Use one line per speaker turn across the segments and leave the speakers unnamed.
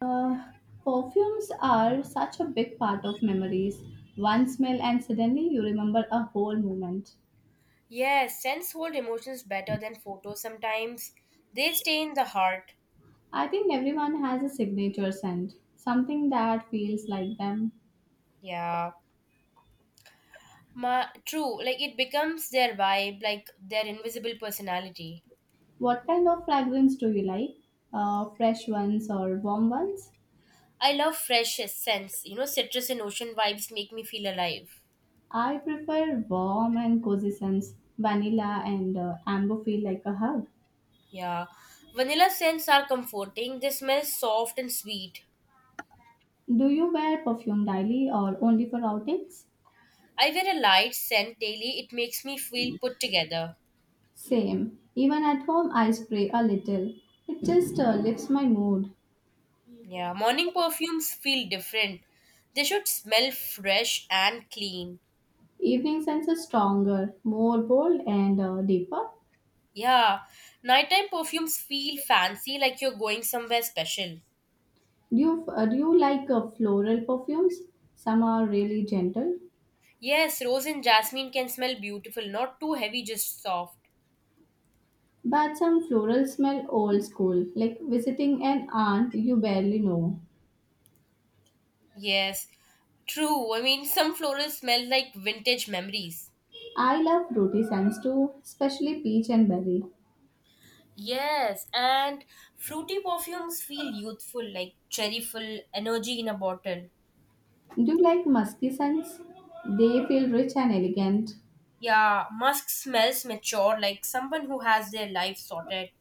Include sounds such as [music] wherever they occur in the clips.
Uh, Perfumes are such a big part of memories. One smell, and suddenly you remember a whole moment.
Yes, scents hold emotions better than photos sometimes. They stay in the heart.
I think everyone has a signature scent, something that feels like them.
Yeah. True, like it becomes their vibe, like their invisible personality.
What kind of fragrance do you like? Fresh ones or warm ones?
I love fresh scents. You know, citrus and ocean vibes make me feel alive.
I prefer warm and cozy scents, vanilla and amber feel like a hug.
Yeah. Vanilla scents are comforting. They smell soft and sweet.
Do you wear perfume daily or only for outings?
I wear a light scent daily. It makes me feel put together.
Same. Even at home, I spray a little. It just lifts my mood.
Yeah. Morning perfumes feel different. They should smell fresh and clean.
Evening scents are stronger, more bold, and deeper.
Yeah, nighttime perfumes feel fancy like you're going somewhere special.
Do you like floral perfumes? Some are really gentle,
Yes, rose and jasmine can smell beautiful, not too heavy, just soft.
but some floral smell old school, like visiting an aunt you barely know.
Yes, true. I mean, [laughs] some florals smell like vintage memories.
I love fruity scents too, especially peach and berry.
Yes, and fruity perfumes feel youthful, like cherryful energy in a bottle.
Do you like musky scents? They feel rich and elegant.
Yeah, musk smells mature, like someone who has their life sorted.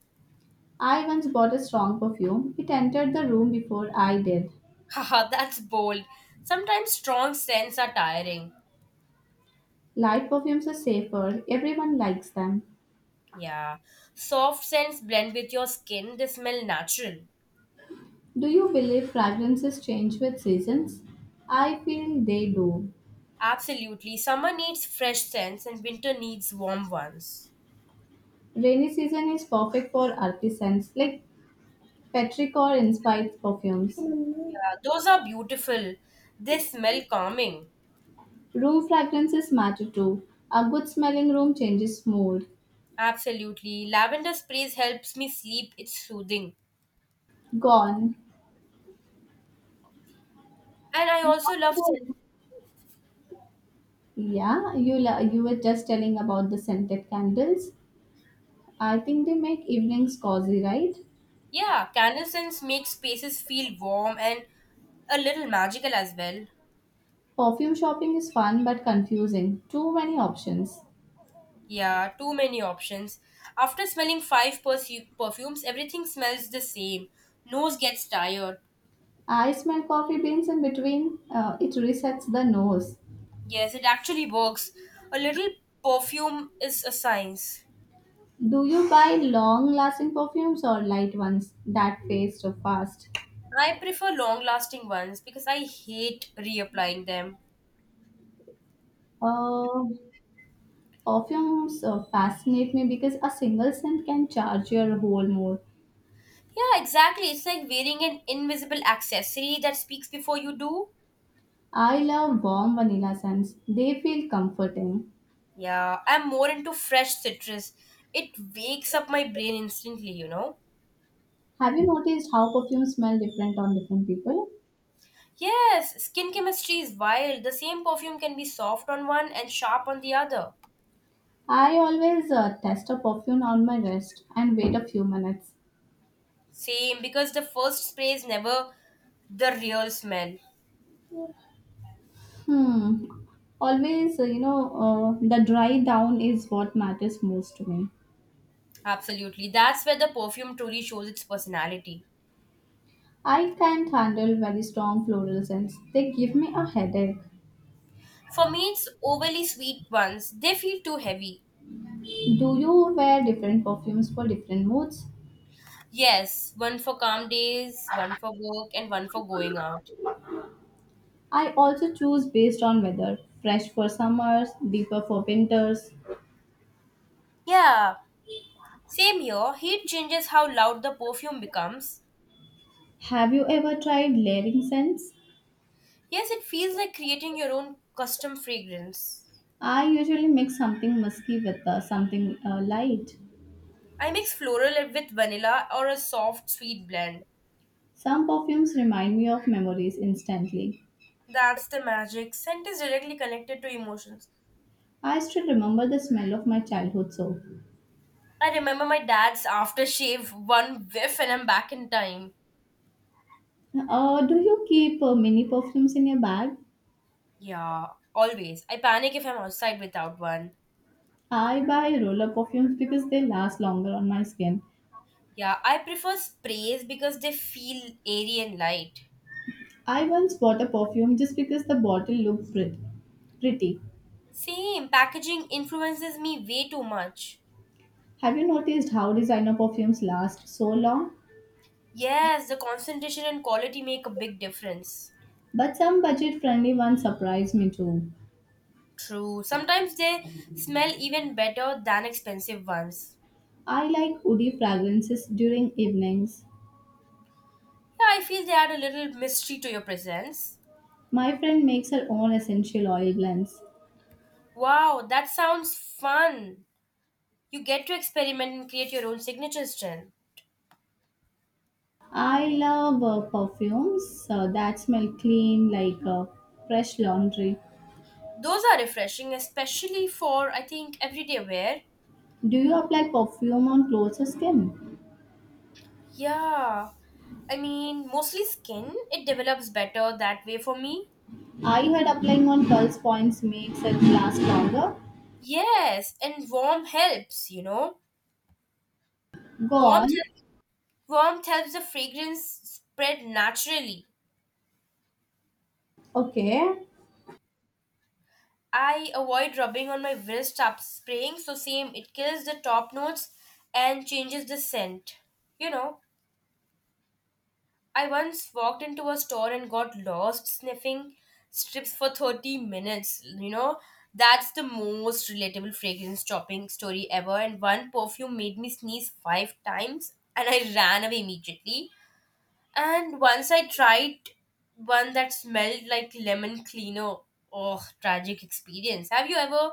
I once bought a strong perfume. It entered the room before I did.
[laughs] Haha, that's bold. Sometimes strong scents are tiring.
Light perfumes are safer. Everyone likes them.
Yeah, soft scents blend with your skin, they smell natural.
Do you believe fragrances change with seasons? I feel they do.
Absolutely. Summer needs fresh scents and winter needs warm ones.
Rainy season is perfect for artisans like petrichor inspired perfumes.
Yeah, those are beautiful. They smell calming.
Room fragrances matter too. A good smelling room changes mood.
Absolutely. Lavender sprays helps me sleep. It's soothing.
Gone.
And I also love scent.
Yeah, you were just telling about the scented candles. I think they make evenings cozy, right?
Yeah, candle scents make spaces feel warm and a little magical as well.
Perfume shopping is fun but confusing. Too many options.
Yeah, too many options. After smelling five perfumes, everything smells the same. Nose gets tired.
I smell coffee beans in between. It resets the nose.
Yes, it actually works. A little perfume is a science.
Do you buy long lasting perfumes or light ones that fade so fast?
I prefer long lasting ones because I hate reapplying them.
Uh, Perfumes fascinate me because a single scent can charge your whole mood.
Yeah, exactly. It's like wearing an invisible accessory that speaks before you do.
I love warm vanilla scents, they feel comforting.
Yeah, I'm more into fresh citrus. It wakes up my brain instantly, you know?
Have you noticed how perfumes smell different on different people?
Yes, skin chemistry is wild. The same perfume can be soft on one and sharp on the other.
I always test a perfume on my wrist and wait a few minutes.
Same, because the first spray is never the real smell.
Hmm. Always, the dry down is what matters most to me.
Absolutely. That's where the perfume truly shows its personality.
I can't handle very strong floral scents. They give me a headache.
For me, it's overly sweet ones. They feel too heavy.
Do you wear different perfumes for different moods?
Yes, one for calm days, one for work, and one for going out.
I also choose based on weather. Fresh for summers, deeper for winters.
Yeah, same here. Heat changes how loud the perfume becomes.
Have you ever tried layering scents?
Yes, it feels like creating your own custom fragrance.
I usually mix something musky with something light.
I mix floral with vanilla or a soft, sweet blend.
Some perfumes remind me of memories instantly.
That's the magic. Scent is directly connected to emotions.
I still remember the smell of my childhood soap.
I remember my dad's aftershave, one whiff, and I'm back in time.
Do you keep mini perfumes in your bag?
Yeah, always. I panic if I'm outside without one.
I buy roller perfumes because they last longer on my skin.
Yeah, I prefer sprays because they feel airy and light.
I once bought a perfume just because the bottle looked pretty.
Same, packaging influences me way too much.
Have you noticed how designer perfumes last so long?
Yes, the concentration and quality make a big difference.
But some budget friendly ones surprise me too.
True, sometimes they smell even better than expensive ones.
I like woody fragrances during evenings.
Yeah, I feel they add a little mystery to your presence.
My friend makes her own essential oil blends.
Wow, that sounds fun. You get to experiment and create your own signature strand.
I love perfumes that smell clean like fresh laundry.
Those are refreshing, especially for, I think, everyday wear.
Do you apply perfume on clothes or skin?
Yeah. I mean, mostly skin. It develops better that way for me.
I heard applying on pulse points makes it last longer.
Yes, and warm helps, you know.
Go
Warmth,
on.
warmth helps the fragrance spread naturally.
Okay.
I avoid rubbing on my wrist after spraying, so same, it kills the top notes and changes the scent, you know. I once walked into a store and got lost sniffing strips for 30 minutes. You know, that's the most relatable fragrance shopping story ever. And one perfume made me sneeze five times and I ran away immediately. And once I tried one that smelled like lemon cleaner. Oh, tragic experience. Have you ever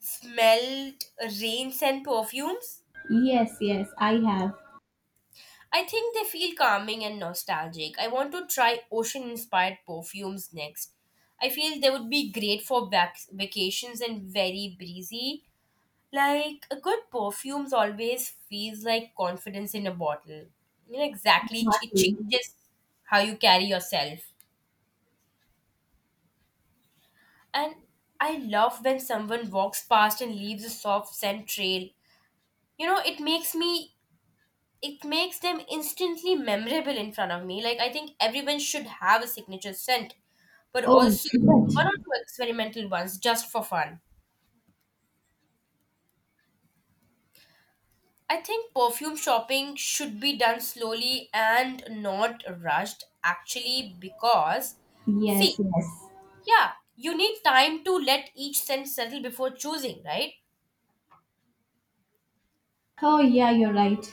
smelled rain scent perfumes?
Yes, yes, I have.
I think they feel calming and nostalgic. I want to try ocean inspired perfumes next. I feel they would be great for vacations and very breezy. Like a good perfumes always feels like confidence in a bottle. You know exactly it
Exactly.
changes how you carry yourself. And I love when someone walks past and leaves a soft scent trail. You know, it makes them instantly memorable in front of me. Like I think everyone should have a signature scent, but
Oh,
also
is
one or
it?
two experimental ones just for fun. I think perfume shopping should be done slowly and not rushed actually because
Yes,
see,
yes.
yeah, you need time to let each scent settle before choosing, right?
Oh, yeah, you're right.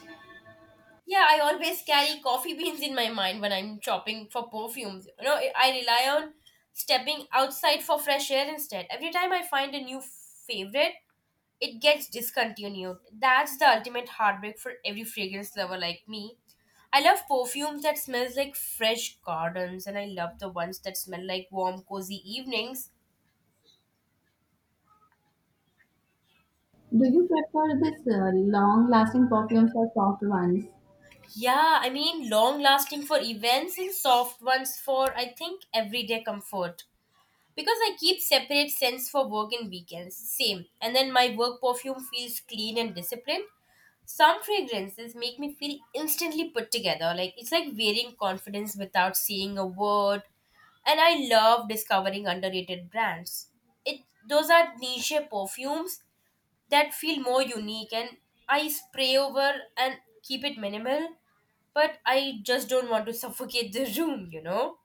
Yeah, I always carry coffee beans in my mind when I'm shopping for perfumes. You know, I rely on stepping outside for fresh air instead. Every time I find a new favorite, it gets discontinued. That's the ultimate heartbreak for every fragrance lover like me. I love perfumes that smells like fresh gardens and I love the ones that smell like warm cozy evenings.
Do you prefer this long-lasting perfumes or soft ones?
Yeah, I mean long lasting for events and soft ones for I think everyday comfort. Because I keep separate scents for work and weekends, same. And then my work perfume feels clean and disciplined. Some fragrances make me feel instantly put together. Like it's like wearing confidence without saying a word. And I love discovering underrated brands. It those are niche perfumes that feel more unique and I spray over and keep it minimal, but I just don't want to [laughs] suffocate the room, you know?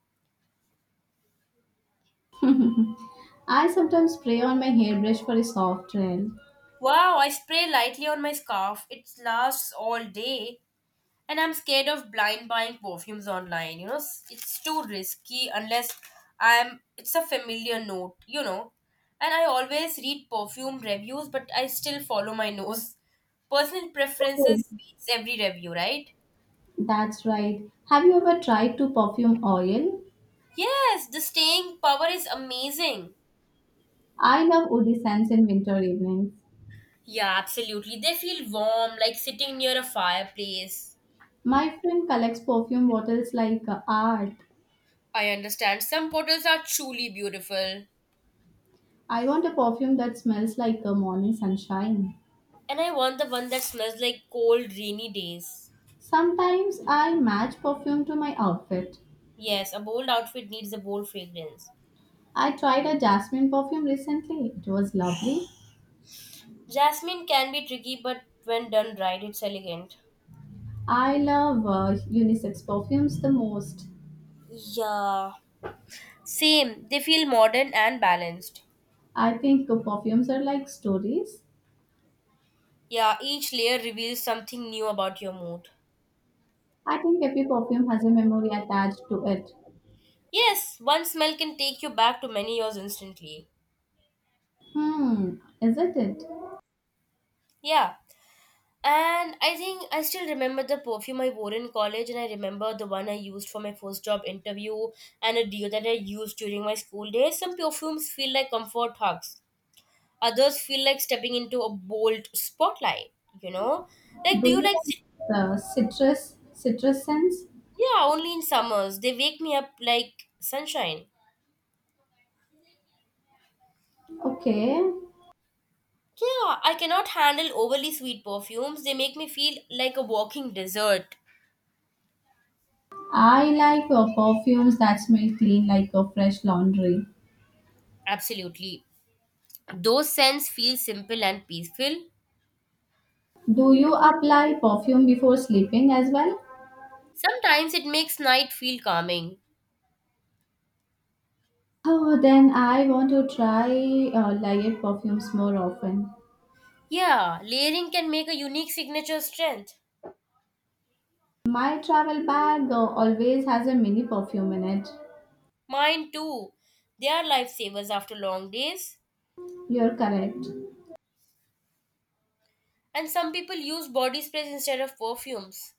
[laughs] I sometimes spray on my hairbrush for a soft trail.
Wow, I spray lightly on my scarf. It lasts all day. And I'm scared of blind buying perfumes online. You know, it's too risky unless I'm it's a familiar note, you know. And I always read perfume reviews, but I still follow my [laughs] nose. Personal preferences beats every review, right?
That's right. Have you ever tried to perfume oil?
Yes, the staying power is amazing.
I love woody scents in winter evenings.
Yeah, absolutely. They feel warm, like sitting near a fireplace.
My friend collects perfume bottles like art.
I understand. Some bottles are truly beautiful.
I want a perfume that smells like a morning sunshine.
And I want the one that smells like cold, rainy days.
Sometimes I match perfume to my outfit.
Yes, a bold outfit needs a bold fragrance.
I tried a jasmine perfume recently. It was lovely.
Jasmine can be tricky, but when done right, it's elegant.
I love unisex perfumes the most.
Yeah. Same. They feel modern and balanced.
I think perfumes are like stories.
Yeah, each layer reveals something new about your mood.
I think every perfume has a memory attached to it.
Yes, one smell can take you back to many years instantly.
Hmm, isn't it?
Yeah. And I think I still remember the perfume I wore in college, and I remember the one I used for my first job interview and a deal that I used during my school days. Some perfumes feel like comfort hugs, others feel like stepping into a bold spotlight, you know? Like, do
Do
you
you
like.
like
Sit-
the citrus scents?
Yeah, only in summers. They wake me up like sunshine.
Okay.
Yeah, I cannot handle overly sweet perfumes. They make me feel like a walking dessert.
I like perfumes that smell clean like a fresh laundry.
Absolutely. Those scents feel simple and peaceful.
Do you apply perfume before sleeping as well?
Sometimes it makes night feel calming.
Oh, then I want to try layered perfumes more often.
Yeah, layering can make a unique signature strength.
My travel bag always has a mini perfume in it.
Mine too. They are lifesavers after long days.
You're correct.
And some people use body sprays instead of perfumes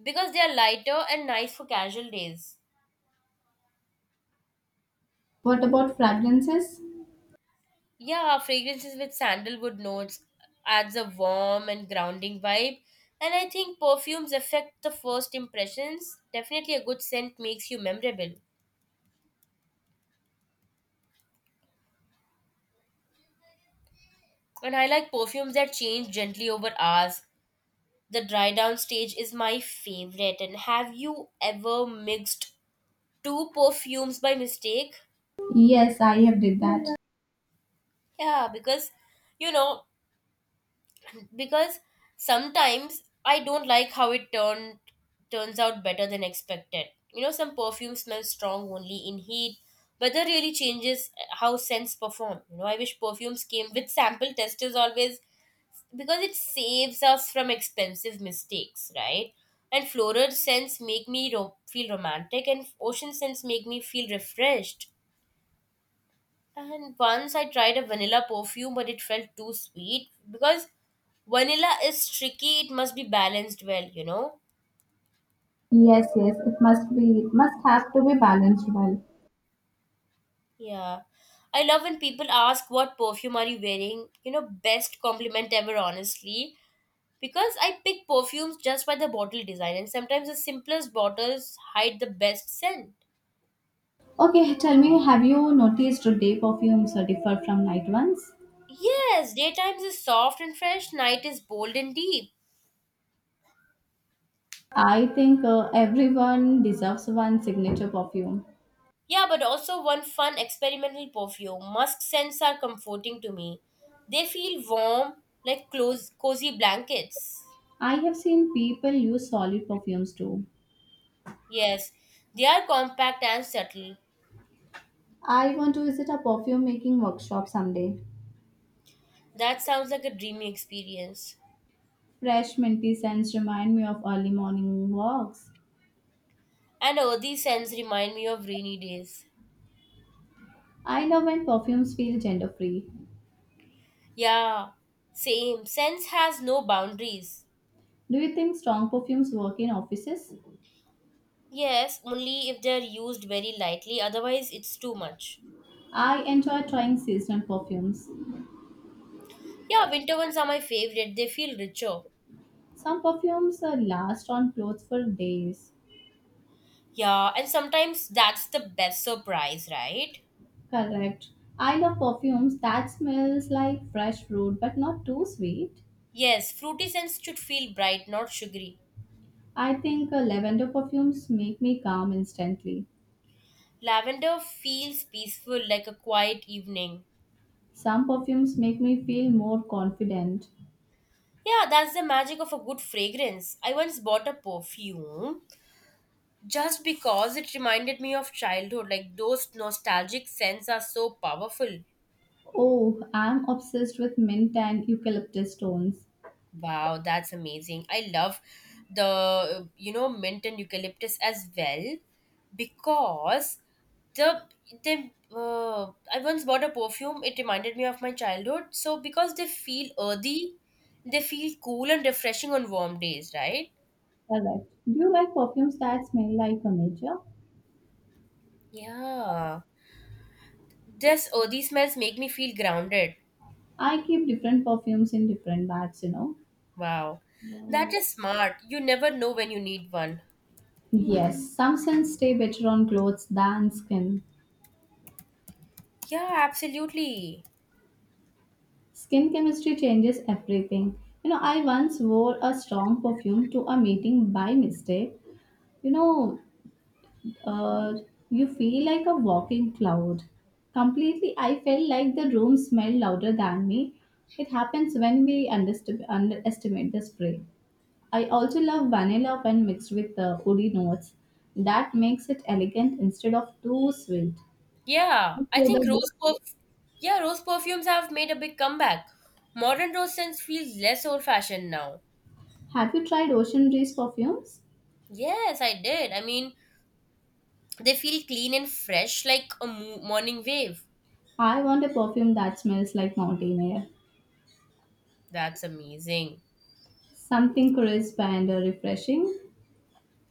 because they are lighter and nice for casual days.
What about fragrances?
Yeah, fragrances with sandalwood notes adds a warm and grounding vibe. And I think perfumes affect the first impressions. Definitely a good scent makes you memorable. And I like perfumes that change gently over hours. The dry down stage is my favorite. And have you ever mixed two perfumes by mistake?
Yes, I have did that.
Yeah, you know, because sometimes I don't like how it turned turns out better than expected. You know, some perfume smells strong only in heat. Weather really changes how scents perform. You know, I wish perfumes came with sample testers always because it saves us from expensive mistakes, right? And floral scents make me feel romantic, and ocean scents make me feel refreshed. And once I tried a vanilla perfume, but it felt too sweet because vanilla is tricky, it must be balanced well, you know?
Yes, yes, it must be, it must have to be balanced well.
Yeah. I love when people ask what perfume are you wearing? You know, best compliment ever, honestly. Because I pick perfumes just by the bottle design, and sometimes the simplest bottles hide the best scent.
Okay, tell me, have you noticed day perfumes are differ from night ones?
Yes, daytimes is soft and fresh, night is bold and deep.
I think everyone deserves one signature perfume.
Yeah, but also one fun experimental perfume. Musk scents are comforting to me. They feel warm, like close, cozy blankets.
I have seen people use solid perfumes too.
Yes, they are compact and subtle.
I want to visit a perfume making workshop someday.
That sounds like a dreamy experience.
Fresh minty scents remind me of early morning walks.
And earthy scents remind me of rainy days.
I love when perfumes feel gender free.
Yeah, same. Scents has no boundaries.
Do you think strong perfumes work in offices?
Yes, only if they are used very lightly, otherwise, it's too much.
I enjoy trying seasonal perfumes.
Yeah, winter ones are my favorite. They feel richer.
Some perfumes last on clothes for days.
Yeah, and sometimes that's the best surprise, right?
Correct. I love perfumes that smells like fresh fruit but not too sweet.
Yes, fruity scents should feel bright, not sugary.
I think lavender perfumes make me calm instantly.
Lavender feels peaceful like a quiet evening.
Some perfumes make me feel more confident.
Yeah, that's the magic of a good fragrance. I once bought a perfume just because it reminded me of childhood. Like those nostalgic scents are so powerful.
Oh, I'm obsessed with mint and eucalyptus stones.
Wow, that's amazing. I love the, you know, mint and eucalyptus as well because the they I once bought a perfume. It reminded me of my childhood. So because they feel earthy, they feel cool and refreshing on warm days, right?
Correct. Do you like perfumes that smell like a nature?
Yeah. This earthy smells make me feel grounded.
I keep different perfumes in different bags, you know.
Wow. That is smart. You never know when you need one.
Yes, some scents stay better on clothes than skin.
Yeah, absolutely.
Skin chemistry changes everything. You know, I once wore a strong perfume to a meeting by mistake. You know, uh, you feel like a walking cloud. Completely, I felt like the room smelled louder than me. It happens when we underestimate the spray. I also love vanilla when mixed with the woody notes. That makes it elegant instead of too sweet.
Yeah, I
So
think
the-
rose perfumes have made a big comeback. Modern rose scents feel less old fashioned now.
Have you tried Ocean Breeze perfumes?
Yes, I did. I mean, they feel clean and fresh like a morning wave.
I want a perfume that smells like mountain air,
That's amazing.
something crisp and refreshing.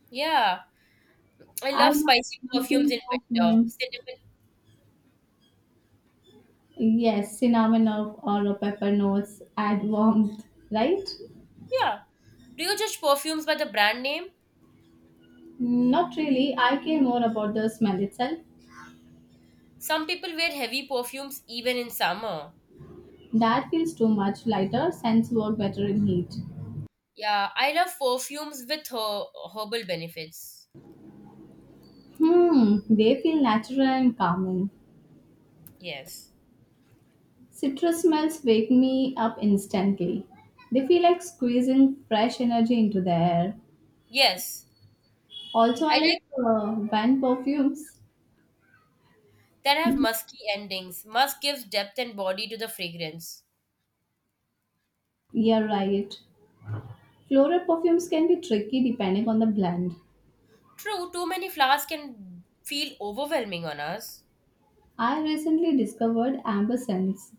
Yeah, I
I
love
love
spicy perfumes
spicy
in winter.
perfume.
Cinnamon.
Yes, cinnamon or a pepper notes add warmth, right?
Yeah. Do you judge perfumes by the brand name?
Not really. I care more about the smell itself.
Some people wear heavy perfumes even in summer.
That feels too much lighter, scents work better in heat.
Yeah, I love perfumes with herbal benefits.
Hmm, they feel natural and calming.
Yes.
Citrus smells wake me up instantly. They feel like squeezing fresh energy into the air.
Yes.
Also,
I
I like
like
van perfumes.
that have musky endings. Musk gives depth and body to the fragrance.
Yeah, right. Floral perfumes can be tricky depending on the blend.
True, too many flowers can feel overwhelming on us.
I recently discovered amber scents.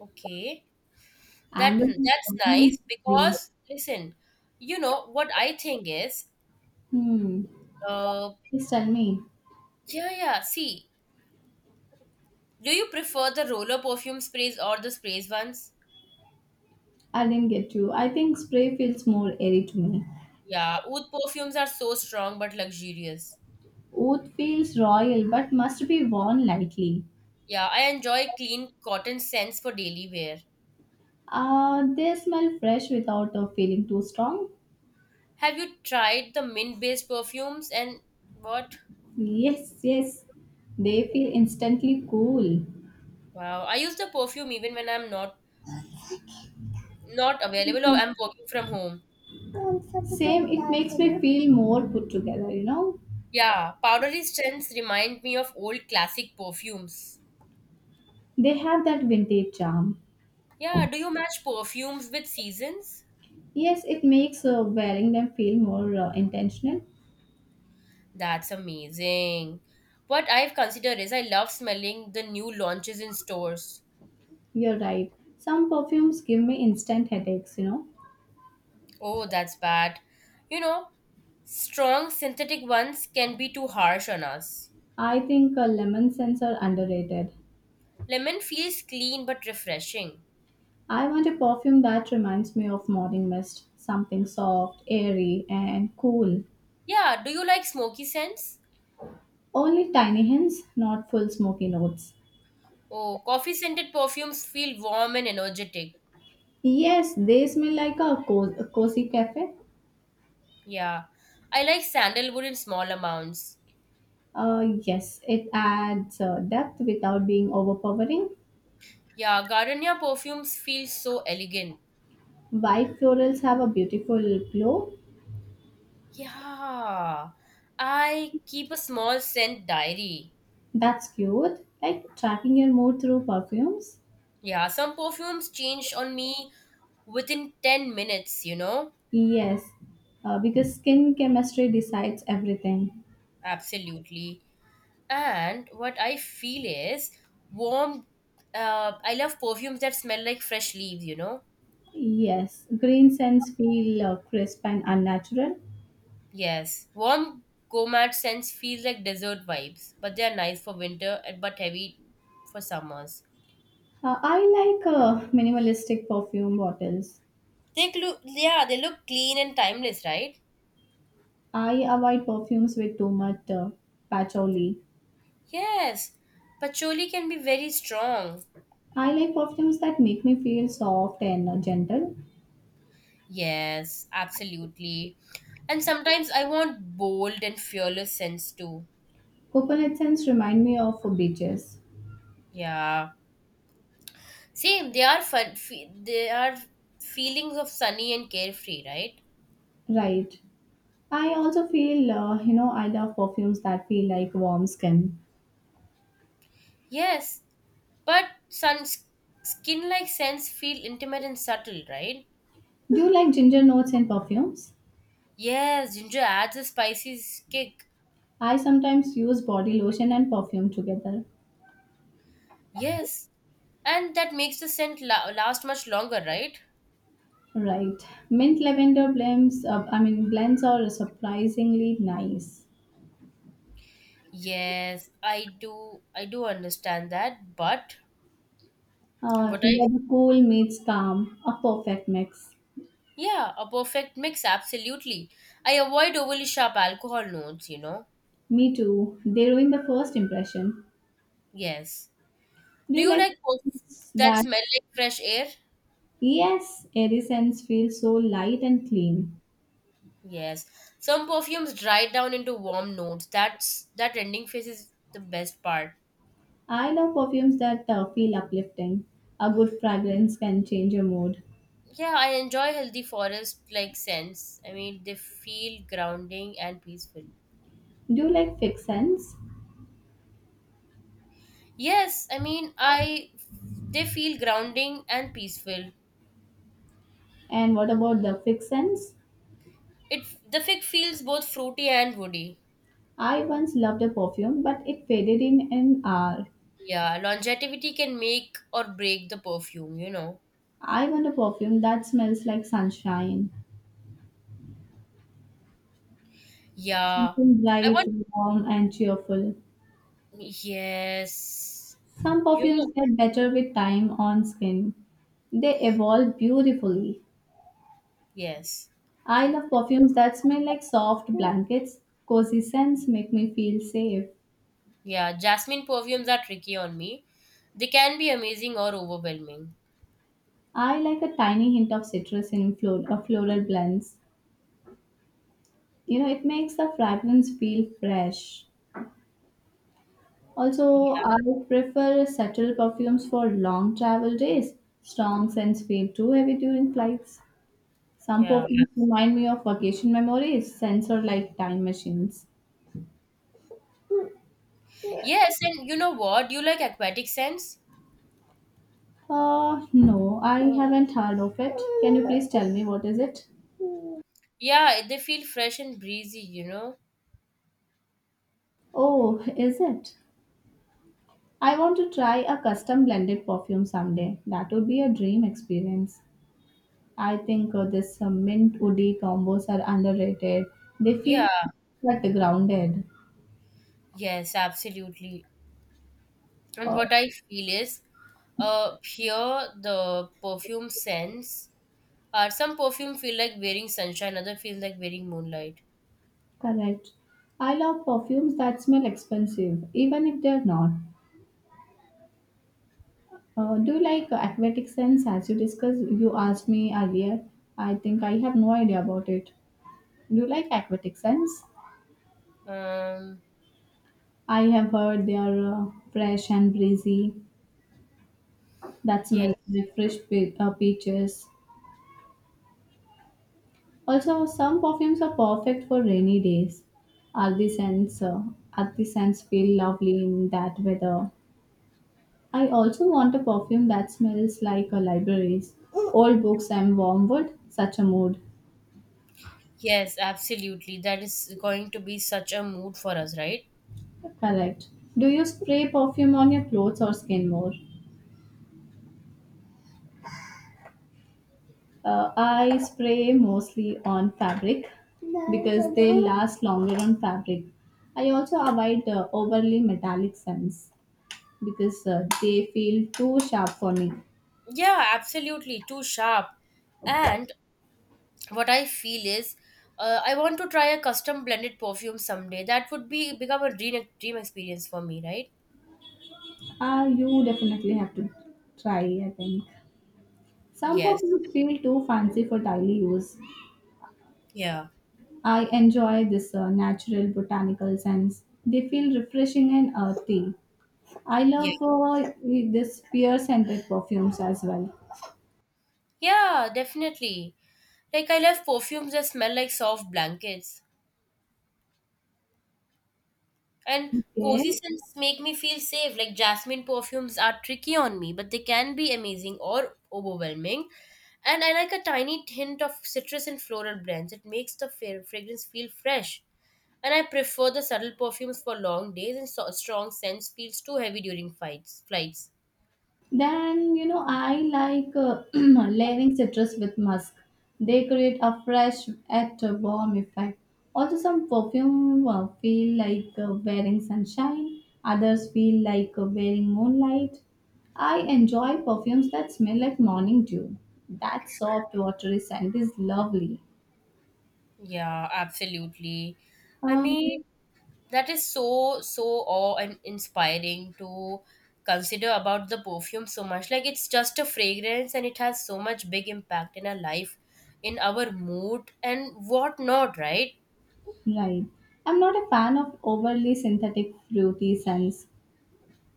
Okay. That
Amber is
that's
amazing.
nice because listen, you know what I think is
Hmm.
uh
Please tell me.
yeah, see, do you prefer the roller perfume sprays or the sprays ones?
I didn't get you. I think spray feels more airy to me.
Yeah, oud perfumes are so strong but luxurious.
Oud feels royal but must be worn lightly.
Yeah, I enjoy clean cotton scents for daily wear.
They smell fresh without feeling too strong.
Have you tried the mint based perfumes and what?
Yes, yes. They feel instantly cool.
Wow, I use the perfume even when I'm not available or I'm working from home.
Same, it makes me feel more put together, you know.
Yeah, powdery scents remind me of old classic perfumes.
They have that vintage charm.
Yeah, do you match perfumes with seasons?
Yes, it makes wearing them feel more intentional.
That's amazing. What I've considered is I love smelling the new launches in stores.
You're right. Some perfumes give me instant headaches, you know.
Oh, that's bad. You know, strong synthetic ones can be too harsh on us.
I think lemon scents are underrated.
Lemon feels clean but refreshing.
I want a perfume that reminds me of morning mist, something soft, airy, and cool.
Yeah, do you like smoky scents?
Only tiny hints, not full smoky notes.
Oh, coffee scented perfumes feel warm and energetic.
Yes, they smell like a, a cozy cafe.
Yeah. I like sandalwood in small amounts.
Yes, it adds depth without being overpowering.
Yeah, gardenia perfumes feel so elegant.
White florals have a beautiful glow.
Yeah. I keep a small scent diary.
That's cute. Like tracking your mood through perfumes.
Yeah, some perfumes change on me within 10 minutes, you know?
Yes, because skin chemistry decides everything.
Absolutely. And what I feel is warm. I love perfumes that smell like fresh leaves, you know?
Yes, green scents feel crisp and unnatural.
Yes, warm gourmet scents feel like desert vibes, but they are nice for winter and but heavy for summers.
I like minimalistic perfume bottles.
They look, yeah, they look clean and timeless, right?
I avoid perfumes with too much patchouli.
Yes, patchouli can be very strong.
I like perfumes that make me feel soft and gentle.
Yes, absolutely. And sometimes I want bold and fearless scents too.
Coconut scents remind me of beaches.
Yeah, same. They are fun. They are feelings of sunny and carefree, right?
Right. I also feel, I love perfumes that feel like warm skin.
Yes, but suns skin like scents feel intimate and subtle, right?
Do you like ginger notes in perfumes?
Yes, ginger adds a spicy kick.
I sometimes use body lotion and perfume together.
Yes. And that makes the scent last much longer, right?
Right. Mint lavender blends, blends are surprisingly nice.
Yes, I do understand that, but what
You
I,
know, the cool meets calm, a perfect mix.
yeah, a perfect mix, absolutely. I avoid overly sharp alcohol notes, you know.
Me too. They ruin the first impression.
Yes.
Do
Do
you
you
like
like that
that?
smell like fresh air?
Yes, airy scents feel so light and clean.
Yes. Some perfumes dry down into warm notes. That ending phase is the best part.
I love perfumes that feel uplifting. A good fragrance can change your mood.
Yeah, I enjoy healthy forest like scents. I mean, they feel grounding and peaceful.
Do you like fixed scents?
Yes, I mean, I, they feel grounding and peaceful.
And what about the fixed scents?
It, the fig feels both fruity and woody.
I once loved a perfume, but it faded in an hour.
Yeah, longevity can make or break the perfume, you know.
I want a perfume that smells like sunshine,
Yeah.
something
I
bright,
want,
warm, and cheerful.
yes.
Some
You
perfumes
know,
get better with time on skin. They evolve beautifully.
yes.
I love perfumes that smell like soft blankets. Cozy scents make me feel safe.
Yeah, jasmine perfumes are tricky on me. They can be amazing or overwhelming.
I like a tiny hint of citrus in floral blends. You know, it makes the fragrance feel fresh. Also,
Yeah,
I prefer subtle perfumes for long travel days. Strong scents feel too heavy during flights. Some
yeah.
perfumes remind me of vacation memories, scents are like time machines.
Yes, and you know what? Do you like aquatic scents?
No, I haven't heard of it. Can you please tell me what is it?
Yeah, they feel fresh and breezy, you know?
Oh, is it? I want to try a custom blended perfume someday. That would be a dream experience. I think this mint woody combos are underrated. They feel
Yeah,
but grounded.
yes, absolutely. And
Uh,
what I feel is, here the perfume scents are, some perfume feel like wearing sunshine, other feel like wearing moonlight.
Correct. I love perfumes that smell expensive, even if they're not. Do you like aquatic scents? As you discussed, you asked me earlier. I think I have no idea about it. Do you like aquatic scents?
Um,
I have heard they are fresh and breezy. That
yes,
smells like fresh peaches. Also, some perfumes are perfect for rainy days. Earthy scents, uh, Earthy scents feel lovely in that weather. I also want a perfume that smells like a libraries, old books, and warm wood. Such a mood.
yes, absolutely. That is going to be such a mood for us, right?
Correct. Do you spray perfume on your clothes or skin more? I spray mostly on fabric because they last longer on fabric. I also avoid overly metallic scents, because they feel too sharp for me.
Yeah, absolutely. Too sharp. And what I feel is, I want to try a custom blended perfume someday. That would be become a dream experience for me, right?
Ah, you definitely have to try, I think. Some
Yes.
perfumes feel too fancy for daily use.
Yeah.
I enjoy this natural botanical scents. They feel refreshing and earthy. I
Yeah.
love this pear scented perfumes as well.
Yeah, definitely. Like, I love perfumes that smell like soft blankets. And
Okay.
cozy scents make me feel safe. Like jasmine perfumes are tricky on me, but they can be amazing or overwhelming. And I like a tiny hint of citrus and floral blends. It makes the fragrance feel fresh. And I prefer the subtle perfumes for long days and strong scents feels too heavy during fights, flights.
Then, you know, I like [clears throat] layering citrus with musk. They create a fresh yet warm effect. Also, some perfume feel like wearing sunshine. Others feel like wearing moonlight. I enjoy perfumes that smell like morning dew. That soft, watery scent is lovely.
Yeah, absolutely. I
Uh,
mean, that is so, so awe and inspiring to consider about the perfume so much. Like, it's just a fragrance and it has so much big impact in our life, in our mood, and whatnot, right?
right. I'm not a fan of overly synthetic fruity scents.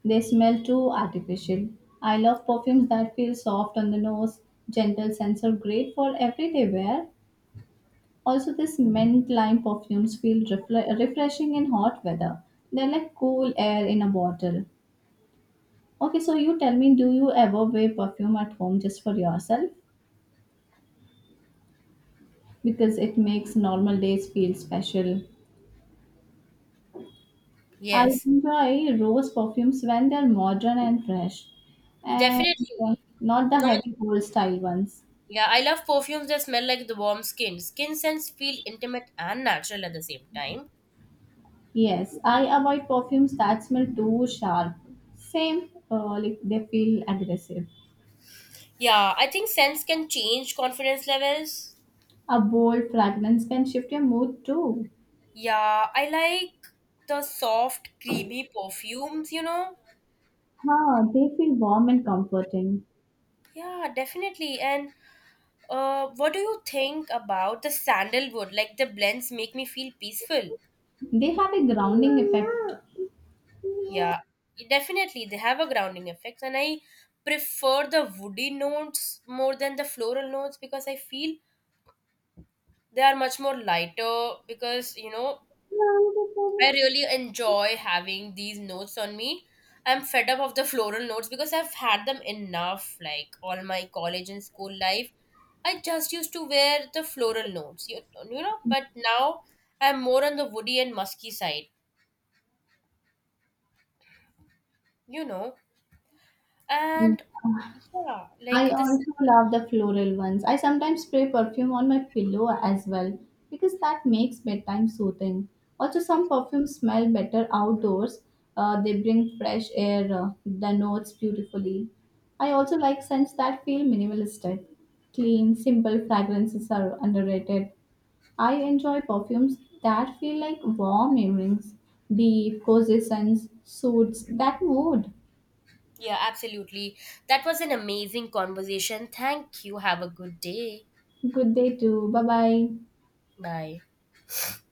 They smell too artificial. I love perfumes that feel soft on the nose, gentle sensor, great for everyday wear. Also, this mint lime perfumes feel refreshing in hot weather. They're like cool air in a bottle. Okay, so you tell me, do you ever wear perfume at home just for yourself? Because it makes normal days feel special. I
Yes,
enjoy rose perfumes when they're modern and fresh, and uh,
definitely.
not the
Not,
heavy old style ones.
yeah, I love perfumes that smell like the warm skin. Skin scents feel intimate and natural at the same time.
Yes, I avoid perfumes that smell too sharp. Same, like they feel aggressive.
Yeah, I think scents can change confidence levels.
A bold fragrance can shift your mood too.
Yeah, I like the soft, creamy perfumes, you know?
Huh, they feel warm and comforting.
Yeah, definitely. And what do you think about the sandalwood? Like the blends make me feel peaceful.
They have a grounding effect.
Yeah, definitely. They have a grounding effect. And I prefer the woody notes more than the floral notes because I feel they are much more lighter because, you know, I really enjoy having these notes on me. I'm fed up of the floral notes because I've had them enough, like all my college and school life. I just used to wear the floral notes, you know, but now I'm more on the woody and musky side, you know. And yeah, like
I
this,
also love the floral ones. I sometimes spray perfume on my pillow as well because that makes bedtime soothing. Also, some perfumes smell better outdoors. They bring fresh air, the notes beautifully. I also like scents that feel minimalistic. Clean, simple fragrances are underrated. I enjoy perfumes that feel like warm evenings, deep, cozy scents, suits that mood.
yeah, absolutely. That was an amazing conversation. Thank you. Have a good day.
Good day too. Bye bye.
Bye.